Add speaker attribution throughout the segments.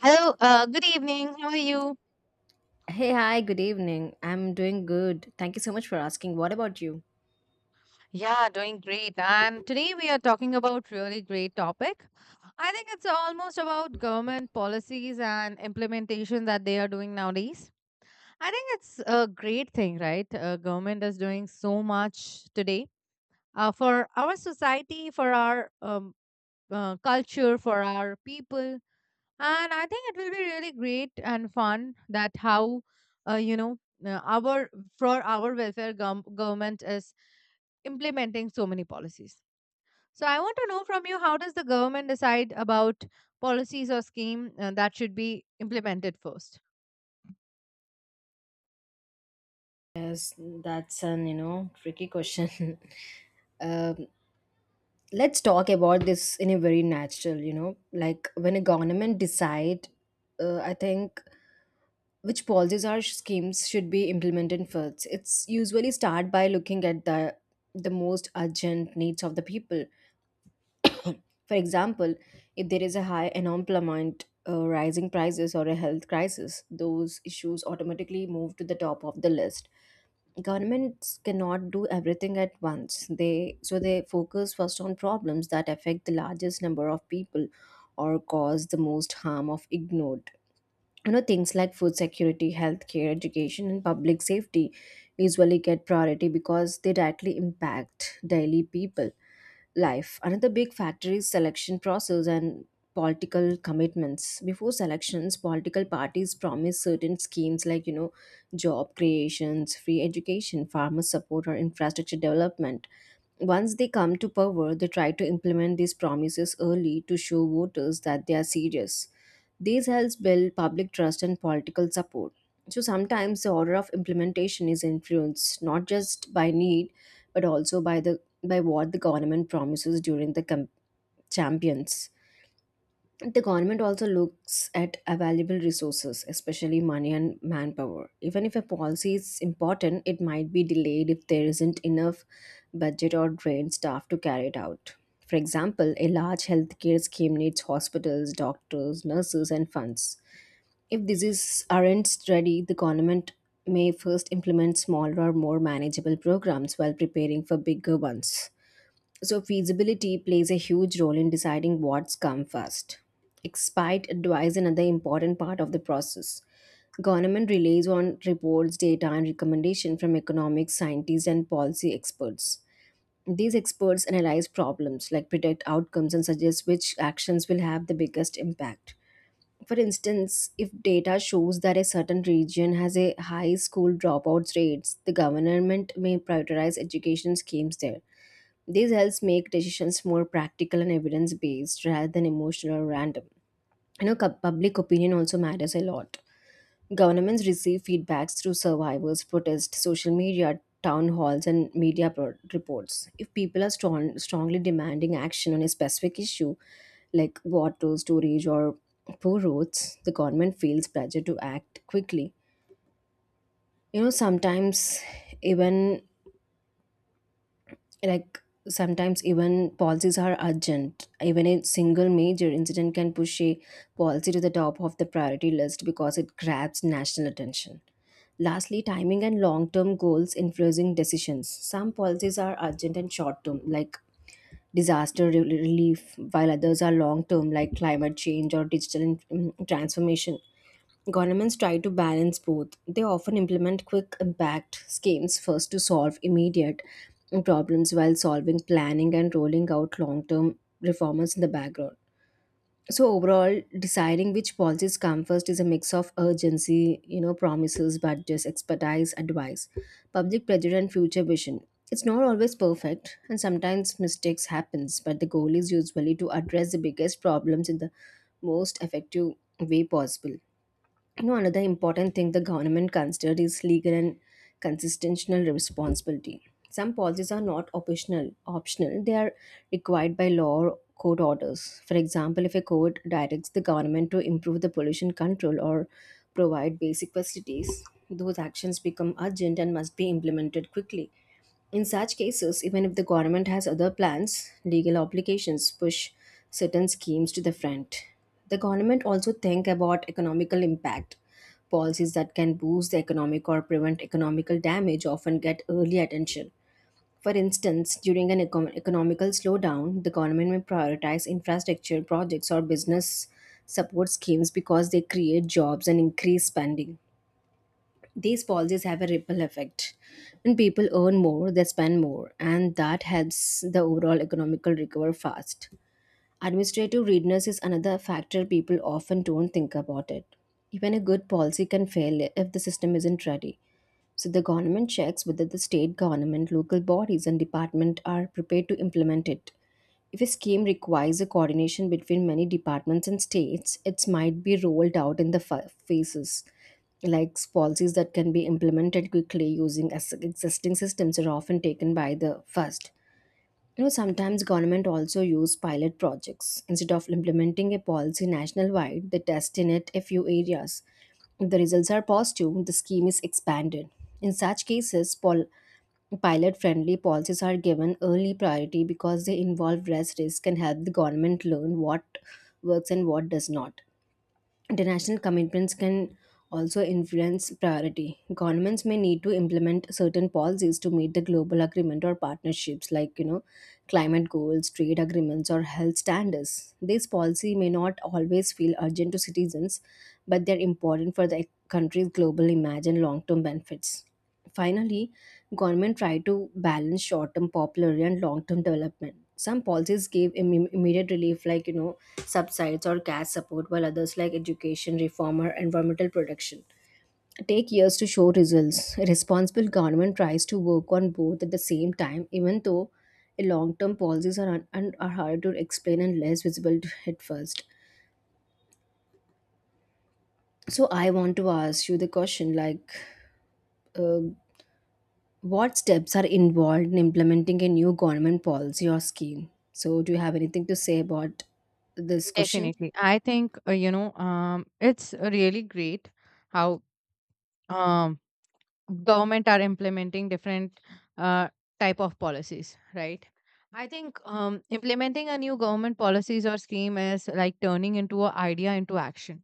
Speaker 1: Hello, good evening. How are you?
Speaker 2: Hey, hi, good evening. I'm doing good. Thank you so much for asking. What about you?
Speaker 1: Yeah, doing great. And today we are talking about really great topic. I think it's almost about government policies and implementation that they are doing nowadays. I think it's a great thing, right? Government is doing so much today for our society, for our culture, for our people. And I think it will be really great and fun that how, you know, our for our welfare government is implementing so many policies. So I want to know from you how does the government decide about policies or scheme that should be implemented first?
Speaker 2: Yes, that's an, you know, tricky question. um, let's talk about this in a very natural, you know, like when a government decide, I think which policies or schemes should be implemented first. It's usually start by looking at the most urgent needs of the people. For example, if there is a high unemployment, rising prices, or a health crisis, those issues automatically move to the top of the list. Governments cannot do everything at once. They so they focus first on problems that affect the largest number of people or cause the most harm of ignored. You know, things like food security, healthcare, education, and public safety usually get priority because they directly impact daily people life. Another big factor is selection process and political commitments. Before selections, political parties promise certain schemes like, you know, job creations, free education, farmer support, or infrastructure development. Once they come to power, they try to implement these promises early to show voters that they are serious. These helps build public trust and political support. So sometimes the order of implementation is influenced not just by need but also by the by what the government promises during the champions. The government also looks at available resources, especially money and manpower. Even if a policy is important, it might be delayed if there isn't enough budget or trained staff to carry it out. For example, a large healthcare scheme needs hospitals, doctors, nurses, and funds. If diseases aren't studied, the government may first implement smaller or more manageable programs while preparing for bigger ones. So, feasibility plays a huge role in deciding what's come first. Expert advice is another important part of the process. Government relies on reports, data, and recommendation from economic scientists and policy experts. These experts analyze problems, like predict outcomes, and suggest which actions will have the biggest impact. For instance, if data shows that a certain region has a high school dropout rates, the government may prioritize education schemes there. This helps make decisions more practical and evidence based rather than emotional or random. You know, public opinion also matters a lot. Governments receive feedbacks through survivors, protests, social media, town halls, and media reports. If people are strongly demanding action on a specific issue, like water storage or poor roads, the government feels pressure to act quickly. You know, even like sometimes even policies are urgent. Even a single major incident can push a policy to the top of the priority list because it grabs national attention. Lastly, timing and long term goals influencing decisions. Some policies are urgent and short term, like relief, while others are long term, like climate change or digital transformation. Governments try to balance both. They often implement quick impact schemes first to solve immediate problems while solving planning and rolling out long term reforms in the background. So overall, deciding which policies come first is a mix of urgency, you know, promises, budgets, expertise, advice, public pressure, and future vision. It's not always perfect, and sometimes mistakes happens. But the goal is usually to address the biggest problems in the most effective way possible. You know, another important thing the government considered is legal and constitutional responsibility. Some policies are not optional, they are required by law or court orders. For example, if a court directs the government to improve the pollution control or provide basic facilities, those actions become urgent and must be implemented quickly. In such cases, even if the government has other plans, legal obligations push certain schemes to the front. The government also think about economical impact. Policies that can boost the economic or prevent economical damage often get early attention. For instance, during an economical slowdown, the government may prioritize infrastructure projects or business support schemes because they create jobs and increase spending. These policies have a ripple effect. When people earn more, they spend more, and that helps the overall economical recover fast. Administrative readiness is another factor people often don't think about it. Even a good policy can fail if the system isn't ready. So the government checks whether the state government, local bodies, and department are prepared to implement it. If a scheme requires a coordination between many departments and states, it might be rolled out in the phases, like policies that can be implemented quickly using existing systems are often taken by the first. You know, sometimes government also use pilot projects. Instead of implementing a policy national wide, they test in it a few areas. If the results are positive, the scheme is expanded. In such cases, pilot friendly policies are given early priority because they involve less risk and help the government learn what works and what does not. International commitments can also influence priority. Governments may need to implement certain policies to meet the global agreement or partnerships like, you know, climate goals, trade agreements, or health standards. These policy may not always feel urgent to citizens, but they're important for the country's global image and long-term benefits. Finally, government tried to balance short-term popularity and long-term development. Some policies gave immediate relief, like you know subsides or cash support, while others, like education reform or environmental protection, take years to show results. A responsible government tries to work on both at the same time, even though long-term policies are hard to explain and less visible at first. So I want to ask you the question, like. Uh, What steps are involved in implementing a new government policy or scheme? So, do you have anything to say about this question?
Speaker 1: Definitely. I think, it's really great how um, government are implementing different uh, type of policies, right? I think implementing a new government policies or scheme is like turning into an idea into action,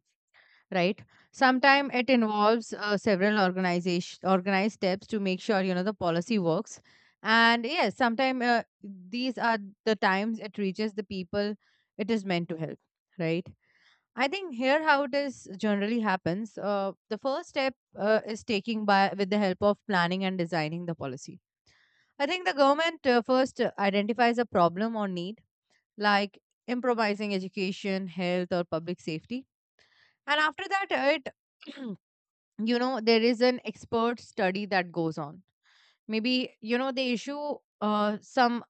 Speaker 1: right? Sometimes it involves several organization organized steps to make sure, you know, the policy works, and yes sometimes these are the times it reaches the people it is meant to help, right? I think here how it is generally happens. The first step is taking by with the help of planning and designing the policy. I think the government first identifies a problem or need, like improvising education, health, or public safety. And after that, it you know, there is an expert study that goes on. Maybe, you know, they issue some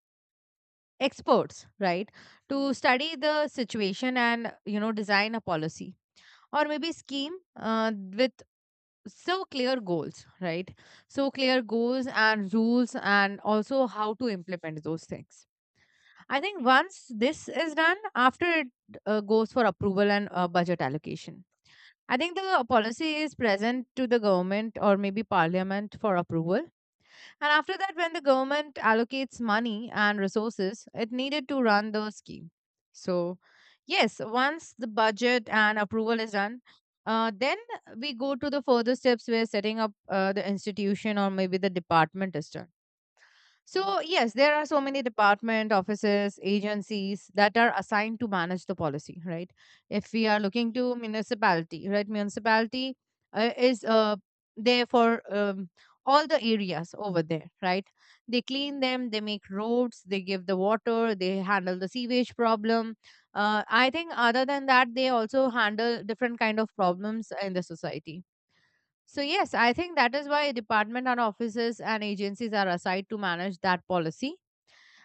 Speaker 1: experts, right, to study the situation and, you know, design a policy or maybe scheme with so clear goals, right, so clear goals and rules and also how to implement those things. I think once this is done, after it goes for approval and budget allocation. I think the policy is present to the government or maybe parliament for approval. And after that, when the government allocates money and resources, it needed to run the scheme. So, yes, once the budget and approval is done, then we go to the further steps where setting up the institution or maybe the department is done. So yes, there are so many department, offices, agencies that are assigned to manage the policy, right? If we are looking to municipality, right? Municipality is there for all the areas over there, right? They clean them, they make roads, they give the water, they handle the sewage problem. I think other than that, they also handle different kind of problems in the society. So, yes, I think that is why department and offices and agencies are assigned to manage that policy.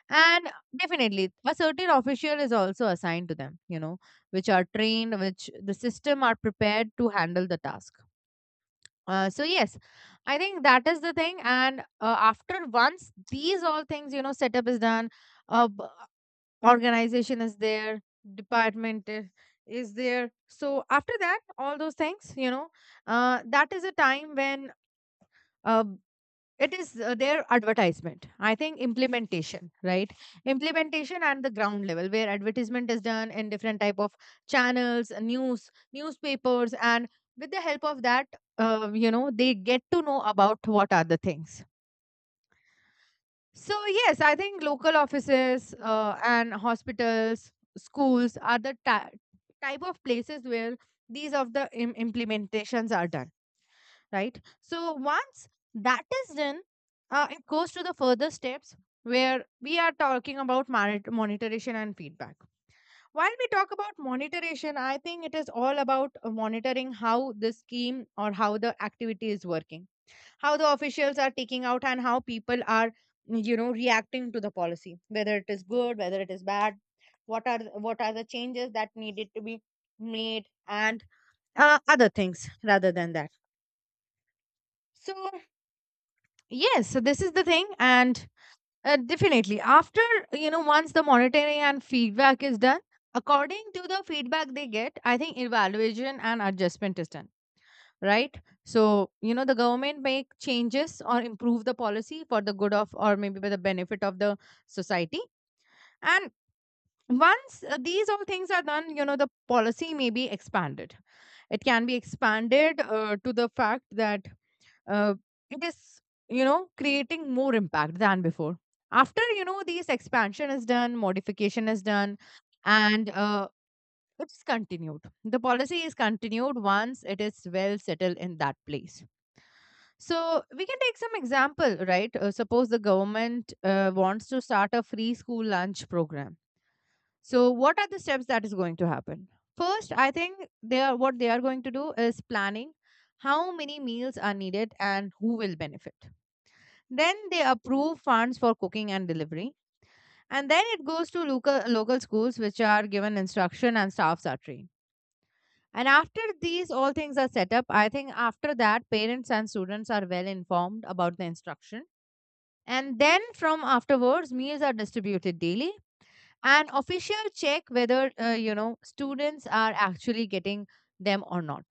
Speaker 1: And definitely, a certain official is also assigned to them, you know, which are trained, which the system are prepared to handle the task. So, yes, I think that is the thing. And after once these all things, you know, setup is done, uh, b- organization is there, department is there. So, after that, all those things, you know, that is a time when uh, it is their advertisement. I think implementation, right? Implementation and the ground level where advertisement is done in different type of channels, newspapers, and with the help of that, you know, they get to know about what are the things. So yes, I think local offices and hospitals, schools are the type of places where these of the implementations are done, right? So once that is done, it goes to the further steps where we are talking about monitoration and feedback. While we talk about monitoration, I think it is all about monitoring how the scheme or how the activity is working, how the officials are taking out, and how people are, you know, reacting to the policy, whether it is good, whether it is bad, what are the changes that needed to be made, and other things rather than that. So yes, so this is the thing, and definitely after, you know, once the monitoring and feedback is done, according to the feedback they get, I think evaluation and adjustment is done, right? So, you know, the government make changes or improve the policy for the good of or maybe by the benefit of the society. And once these all things are done, you know, the policy may be expanded. It can be expanded to the fact that uh, it is, you know, creating more impact than before. After, you know, these expansion is done, modification is done, and it's continued the policy is continued once it is well settled in that place. So we can take some example, right? Suppose the government wants to start a free school lunch program. So, what are the steps that is going to happen? First, I think they are what they are going to do is planning how many meals are needed and who will benefit. Then they approve funds for cooking and delivery, and then it goes to local schools which are given instruction and staffs are trained. And after these all things are set up, I think after that parents and students are well informed about the instruction. And then from afterwards, meals are distributed daily. An official check whether, you know, students are actually getting them or not.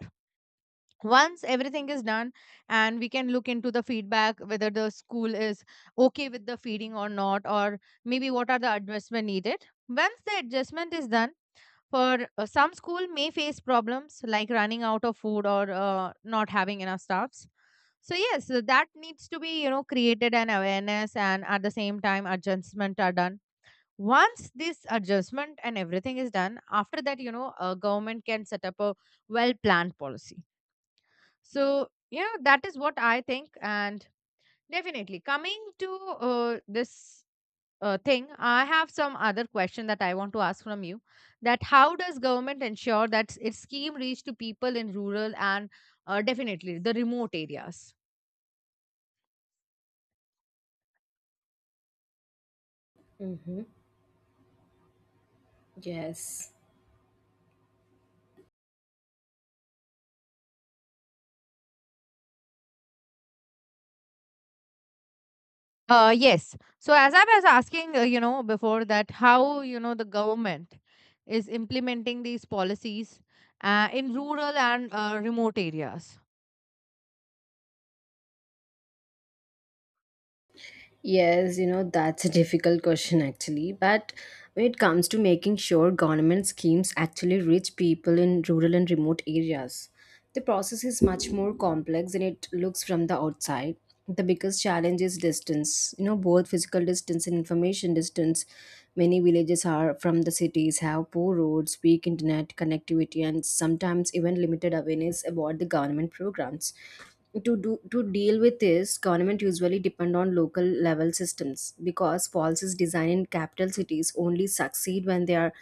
Speaker 1: Once everything is done, and we can look into the feedback whether the school is okay with the feeding or not, or maybe what are the adjustment needed. Once the adjustment is done for, some school may face problems like running out of food or, not having enough staffs. So yes, so that needs to be, you know, created an awareness, and at the same time adjustment are done. Once this adjustment and everything is done, after that, you know, a government can set up a well planned policy. So, you know, that is what I think. And definitely coming to this thing, I have some other question that I want to ask from you: that how does government ensure that its scheme reach to people in rural and, definitely, the remote areas?
Speaker 2: Mm-hmm. Yes.
Speaker 1: Yes. So as I was asking, you know, before that, how, you know, the government is implementing these policies in rural and remote areas.
Speaker 2: Yes, you know, that's a difficult question actually. But when it comes to making sure government schemes actually reach people in rural and remote areas, the process is much more complex than it looks from the outside. The biggest challenge is distance, you know, both physical distance and information distance. Many villages are from the cities, have poor roads, weak internet connectivity, and sometimes even limited awareness about the government programs. To do to deal with this, government usually depend on local level systems because policies designed in capital cities only succeed when they are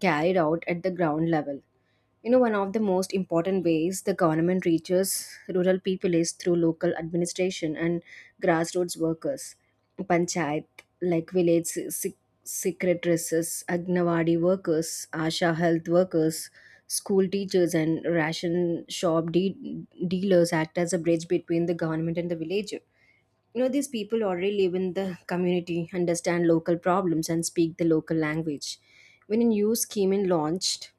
Speaker 2: carried out at the ground level. You know, one of the most important ways the government reaches rural people is through local administration and grassroots workers. Panchayat, like village secretaresses, Agnawadi workers, Asha health workers, school teachers, and ration shop dealers act as a bridge between the government and the villager. You know, these people already live in the community, understand local problems, and speak the local language. When a new scheme is launched,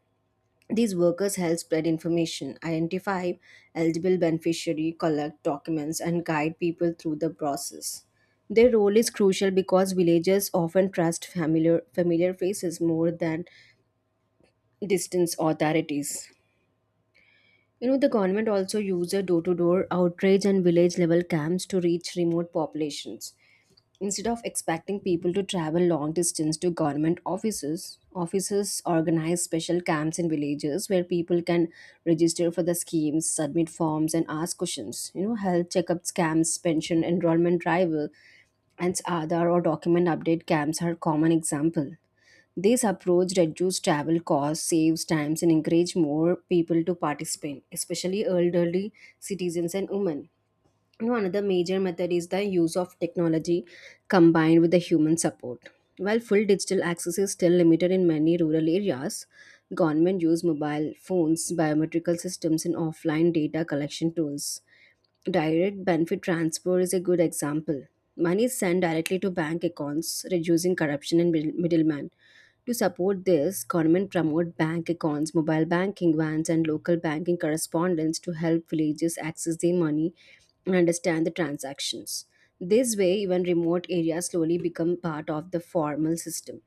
Speaker 2: these workers help spread information, identify eligible beneficiaries, collect documents, and guide people through the process. Their role is crucial because villagers often trust familiar faces more than distant authorities. You know, the government also uses door-to-door outreach and village-level camps to reach remote populations. Instead of expecting people to travel long distance to government offices, offices organize special camps in villages where people can register for the schemes, submit forms, and ask questions. You know, health checkups camps, pension enrollment drive, and Aadhaar or document update camps are common example. This approach reduces travel costs, saves times, and encourages more people to participate, especially elderly citizens and women. You know, another major method is the use of technology combined with the human support. While full digital access is still limited in many rural areas, government use mobile phones, biometrical systems, and offline data collection tools. Direct benefit transfer is a good example. Money is sent directly to bank accounts, reducing corruption and middlemen. To support this, government promote bank accounts, mobile banking vans, and local banking correspondents to help villages access their money and understand the transactions. This way, even remote areas slowly become part of the formal system.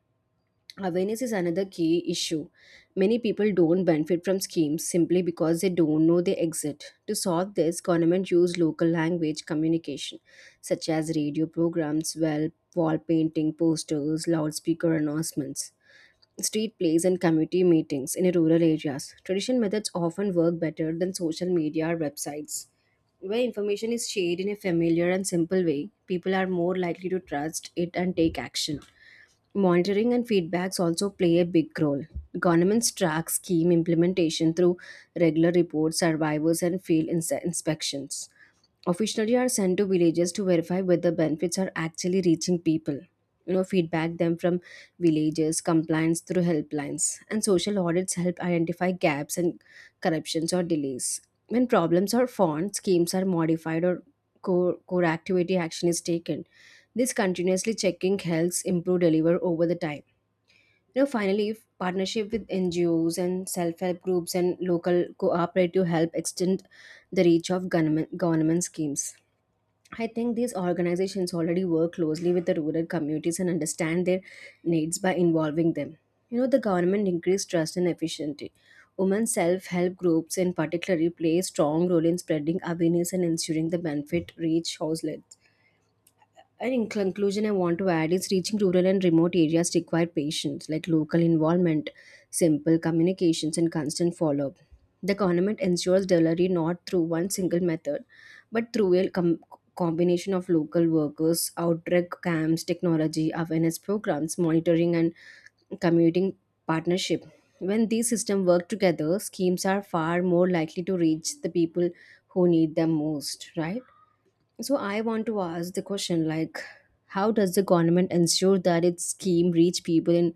Speaker 2: Awareness is another key issue. Many people don't benefit from schemes simply because they don't know they exist. To solve this, government use local language communication, such as radio programs, well, wall painting, posters, loudspeaker announcements, street plays, and community meetings in rural areas. Traditional methods often work better than social media or websites. Where information is shared in a familiar and simple way, people are more likely to trust it and take action. Monitoring and feedbacks also play a big role. Governments track scheme implementation through regular reports, survivors, and field inspections. Officially are sent to villages to verify whether benefits are actually reaching people. You know, feedback them from villages, compliance through helplines, and social audits help identify gaps and corruptions or delays. When problems are found, schemes are modified or core activity action is taken. This continuously checking helps improve deliver over the time. You know, finally, if partnership with NGOs and self-help groups and local cooperative help extend the reach of government schemes. I think these organizations already work closely with the rural communities and understand their needs by involving them. You know, the government increased trust and efficiency. Women self-help groups in particular play a strong role in spreading awareness and ensuring the benefit reach household. And in conclusion, I want to add is reaching rural and remote areas require patience, like local involvement, simple communications, and constant follow up. The government ensures delivery not through one single method, but through a combination of local workers, outbreak camps, technology, awareness programs, monitoring, and commuting partnership. When these systems work together, schemes are far more likely to reach the people who need them most, right? So I want to ask the question like, how does the government ensure that its scheme reach people in,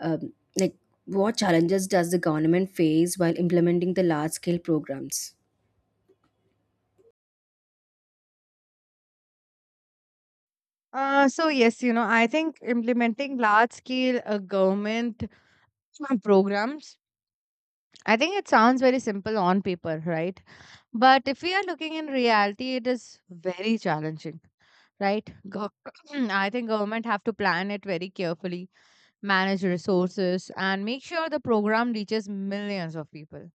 Speaker 2: um, like, what challenges does the government face while implementing the large scale programs?
Speaker 1: So yes, you know, I think implementing large scale government programs. I think it sounds very simple on paper, right? But if we are looking in reality, it is very challenging, right? I think government have to plan it very carefully, manage resources, and make sure the program reaches millions of people.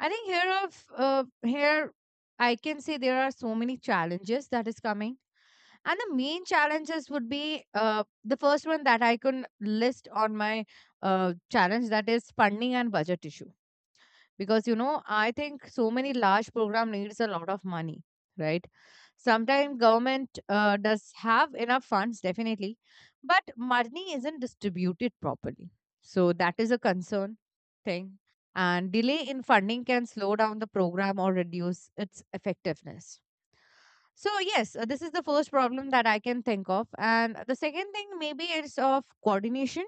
Speaker 1: I think here I can say there are so many challenges that is coming, and the main challenges would be the first one that I can list on my challenge, that is funding and budget issue. Because, you know, I think so many large program needs a lot of money, right? Sometimes government does have enough funds, definitely, but money isn't distributed properly, so that is a concern thing. And delay in funding can slow down the program or reduce its effectiveness. So yes, this is the first problem that I can think of. And the second thing maybe is of coordination,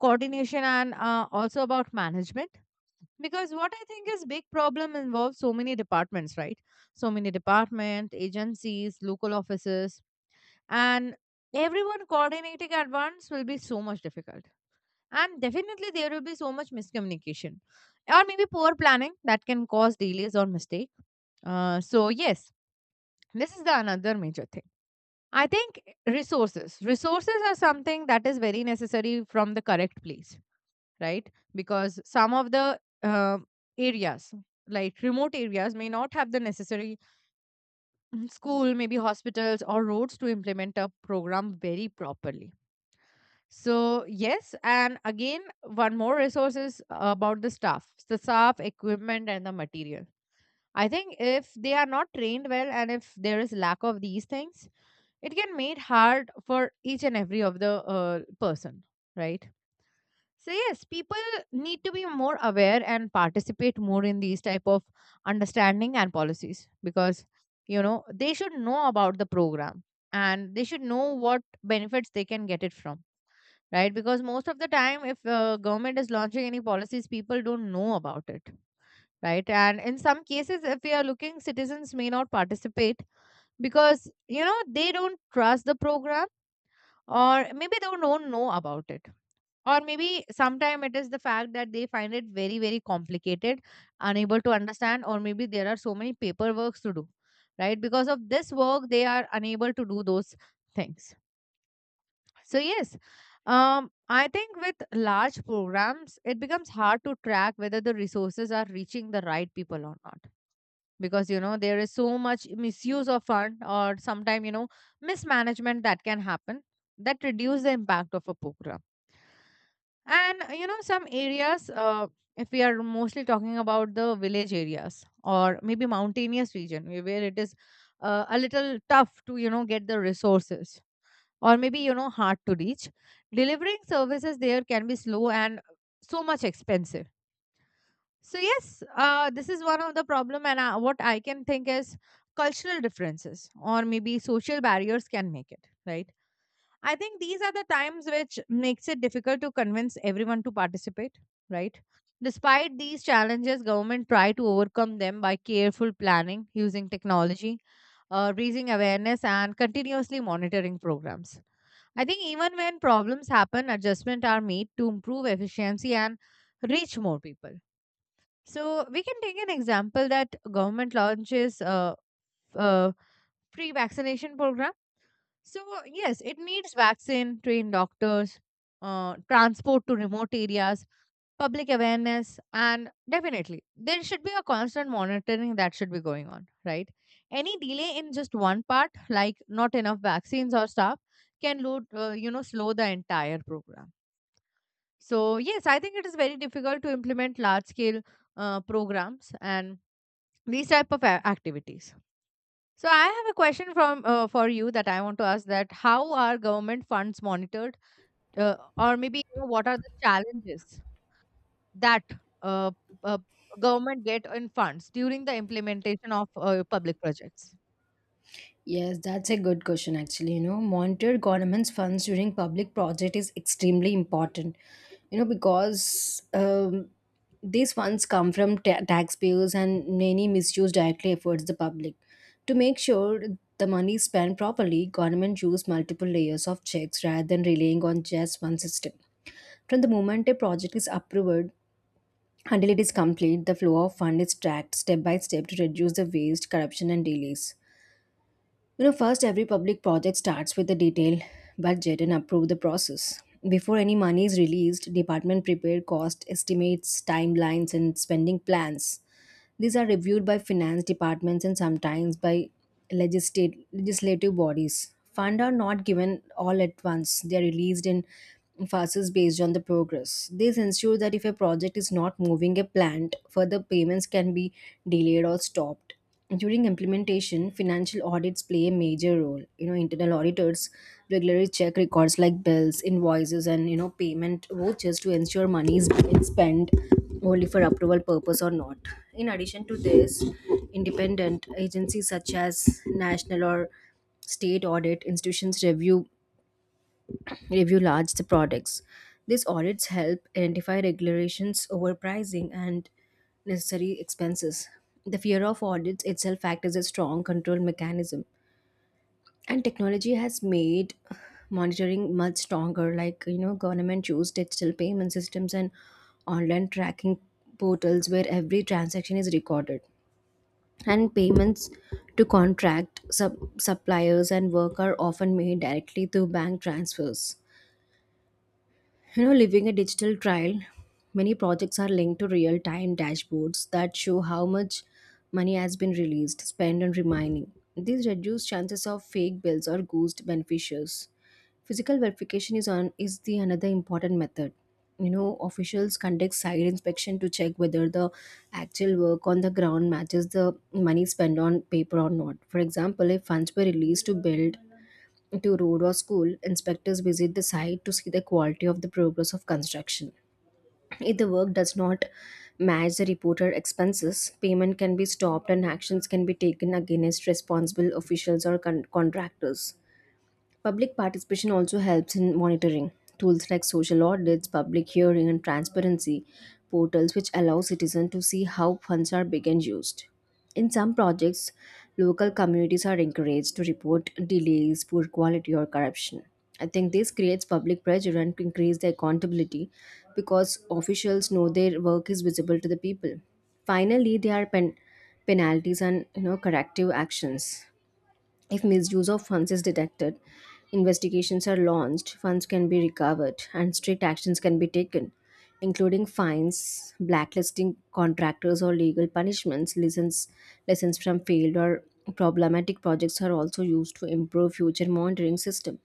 Speaker 1: coordination, and also about management. Because what I think is big problem involves so many departments, right? So many department, agencies, local offices, and everyone coordinating at once will be so much difficult. And definitely there will be so much miscommunication or maybe poor planning that can cause delays or mistake. So yes, this is the another major thing, I think. Resources are something that is very necessary from the correct place, right? Because some of the areas, like remote areas, may not have the necessary school, maybe hospitals or roads to implement a program very properly. So, yes, and again, one more resource is about the staff, equipment, and the material. I think if they are not trained well and if there is lack of these things, it can make hard for each and every of the person. Right, so yes, people need to be more aware and participate more in these type of understanding and policies because you know they should know about the program and they should know what benefits they can get it from. Right, because most of the time if government is launching any policies, people don't know about it. Right, and in some cases if we are looking, citizens may not participate because you know they don't trust the program, or maybe they don't know about it, or maybe sometime it is the fact that they find it very very complicated, unable to understand, or maybe there are so many paperworks to do. Right, because of this work they are unable to do those things. So yes, I think with large programs it becomes hard to track whether the resources are reaching the right people or not, because you know there is so much misuse of fund or sometime you know mismanagement that can happen that reduce the impact of a program. And you know, some areas, if we are mostly talking about the village areas or maybe mountainous region, where it is a little tough to, you know, get the resources, or maybe, you know, hard to reach, delivering services there can be slow and so much expensive. So, yes, this is one of the problem. And what I can think is cultural differences or maybe social barriers can make it, right? I think these are the times which makes it difficult to convince everyone to participate, right? Despite these challenges, government try to overcome them by careful planning, using technology, raising awareness, and continuously monitoring programs. I think even when problems happen, adjustments are made to improve efficiency and reach more people. So we can take an example that government launches f- uh, free vaccination program. So, yes, it needs vaccine, trained doctors, transport to remote areas, public awareness, and definitely there should be a constant monitoring that should be going on, right? Any delay in just one part, like not enough vaccines or stuff, can load, you know, slow the entire program. So, yes, I think it is very difficult to implement large scale programs and these type of activities. So I have a question from for you that I want to ask, that how are government funds monitored, or maybe you know, what are the challenges that uh, uh, government get in funds during the implementation of public projects?
Speaker 2: Yes, that's a good question actually. You know, monitor government's funds during public project is extremely important. You know, because these funds come from taxpayers and many misuse directly affects the public. To make sure the money is spent properly, government use multiple layers of checks rather than relying on just one system. From the moment a project is approved until it is complete, the flow of fund is tracked step by step to reduce the waste, corruption, and delays. You know, first, every public project starts with a detailed budget and approve the process. Before any money is released, department prepare cost estimates, timelines, and spending plans. These are reviewed by finance departments and sometimes by legislative bodies. Funds are not given all at once; they are released in phases based on the progress. This ensures that if a project is not moving a plant, further payments can be delayed or stopped. During implementation, financial audits play a major role. You know, internal auditors regularly check records like bills, invoices, and you know payment vouchers to ensure money is being spent only for approval purpose or not. In addition to this, independent agencies such as national or state audit institutions review large the products. These audits help identify regulations, overpricing, and necessary expenses. The fear of audits itself acts as a strong control mechanism. And technology has made monitoring much stronger, like you know, government use digital payment systems and online tracking portals where every transaction is recorded. And payments to contract suppliers and work are often made directly through bank transfers. You know, living a digital trial, many projects are linked to real time dashboards that show how much money has been released, spent, and remaining. These reduce chances of fake bills or ghost beneficiaries. Physical verification is on is the another important method. You know, officials conduct site inspection to check whether the actual work on the ground matches the money spent on paper or not. For example, if funds were released to build to road or school, inspectors visit the site to see the quality of the progress of construction. If the work does not match the reported expenses, payment can be stopped and actions can be taken against responsible officials or contractors. Public participation also helps in monitoring. Tools like social audits, public hearing, and transparency portals, which allow citizens to see how funds are being and used. In some projects, local communities are encouraged to report delays, poor quality, or corruption. I think this creates public pressure and increase the accountability because officials know their work is visible to the people. Finally, there are penalties and you know corrective actions. If misuse of funds is detected, investigations are launched, funds can be recovered, and strict actions can be taken, including fines, blacklisting contractors, or legal punishments. Lessons from failed or problematic projects are also used to improve future monitoring system.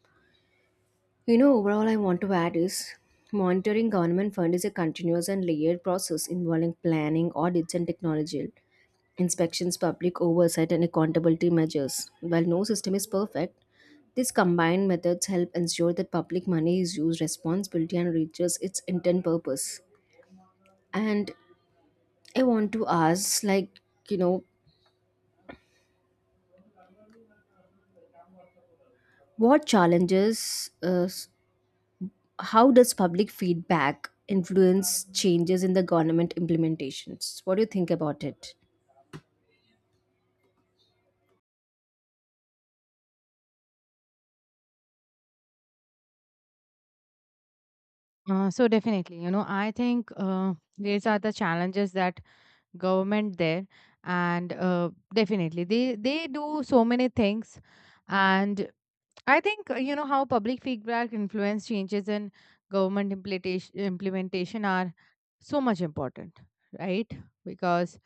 Speaker 2: You know, overall, I want to add is monitoring government fund is a continuous and layered process involving planning, audits, and technological inspections, public oversight, and accountability measures. While no system is perfect, these combined methods help ensure that public money is used responsibly and reaches its intended purpose. And I want to ask, like, you know, what challenges how does public feedback influence changes in the government implementations? What do you think about it?
Speaker 1: So definitely, you know, I think these are the challenges that government there, and definitely they do so many things. And I think you know, how public feedback influence changes in government implementation are so much important, right? Because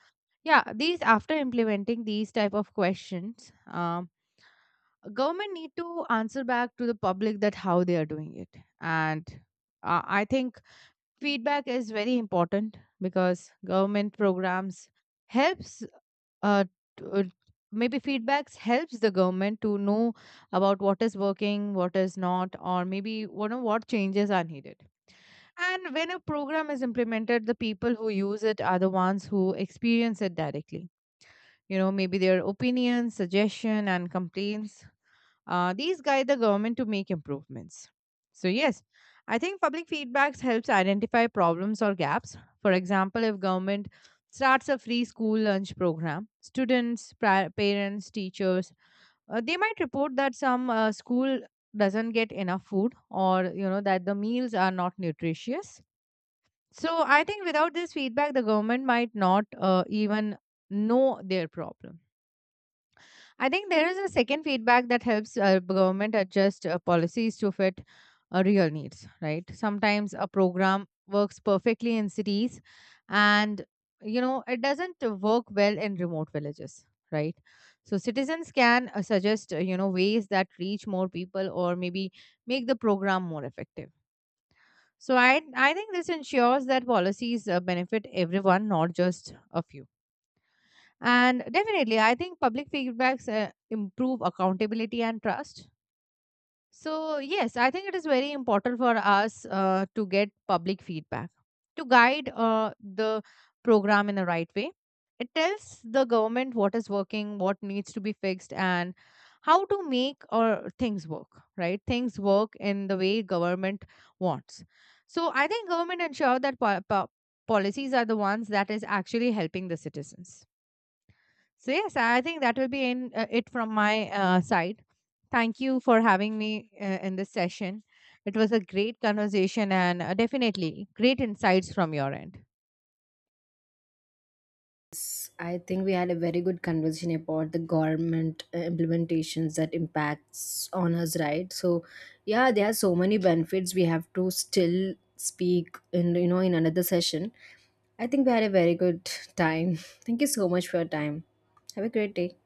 Speaker 1: yeah, these after implementing these type of questions, government need to answer back to the public that how they are doing it. And I think feedback is very important because government programs helps uh, t- uh, maybe feedbacks helps the government to know about what is working, what is not, or maybe you know what changes are needed. And when a program is implemented, the people who use it are the ones who experience it directly. You know, maybe their opinions, suggestion, and complaints, these guide the government to make improvements. So yes, I think public feedbacks helps identify problems or gaps. For example, if government starts a free school lunch program, students, parents, teachers, they might report that some school doesn't get enough food, or you know that the meals are not nutritious. So I think without this feedback the government might not even know their problem. I think there is a second feedback that helps government adjust policies to fit real needs, right? Sometimes a program works perfectly in cities, and you know it doesn't work well in remote villages, right? So citizens can suggest you know ways that reach more people or maybe make the program more effective. So I think this ensures that policies benefit everyone, not just a few. And definitely, I think public feedbacks improve accountability and trust. So, yes, I think it is very important for us to get public feedback to guide the program in the right way. It tells the government what is working, what needs to be fixed, and how to make or things work, right? Things work in the way government wants. So, I think government ensure that policies are the ones that is actually helping the citizens. So yes, I think that will be in it from my side. Thank you for having me in this session. It was a great conversation, and definitely great insights from your end.
Speaker 2: I think we had a very good conversation about the government implementations that impacts on us, right? So, yeah, there are so many benefits. We have to still speak in you know in another session. I think we had a very good time. Thank you so much for your time. Have a great day.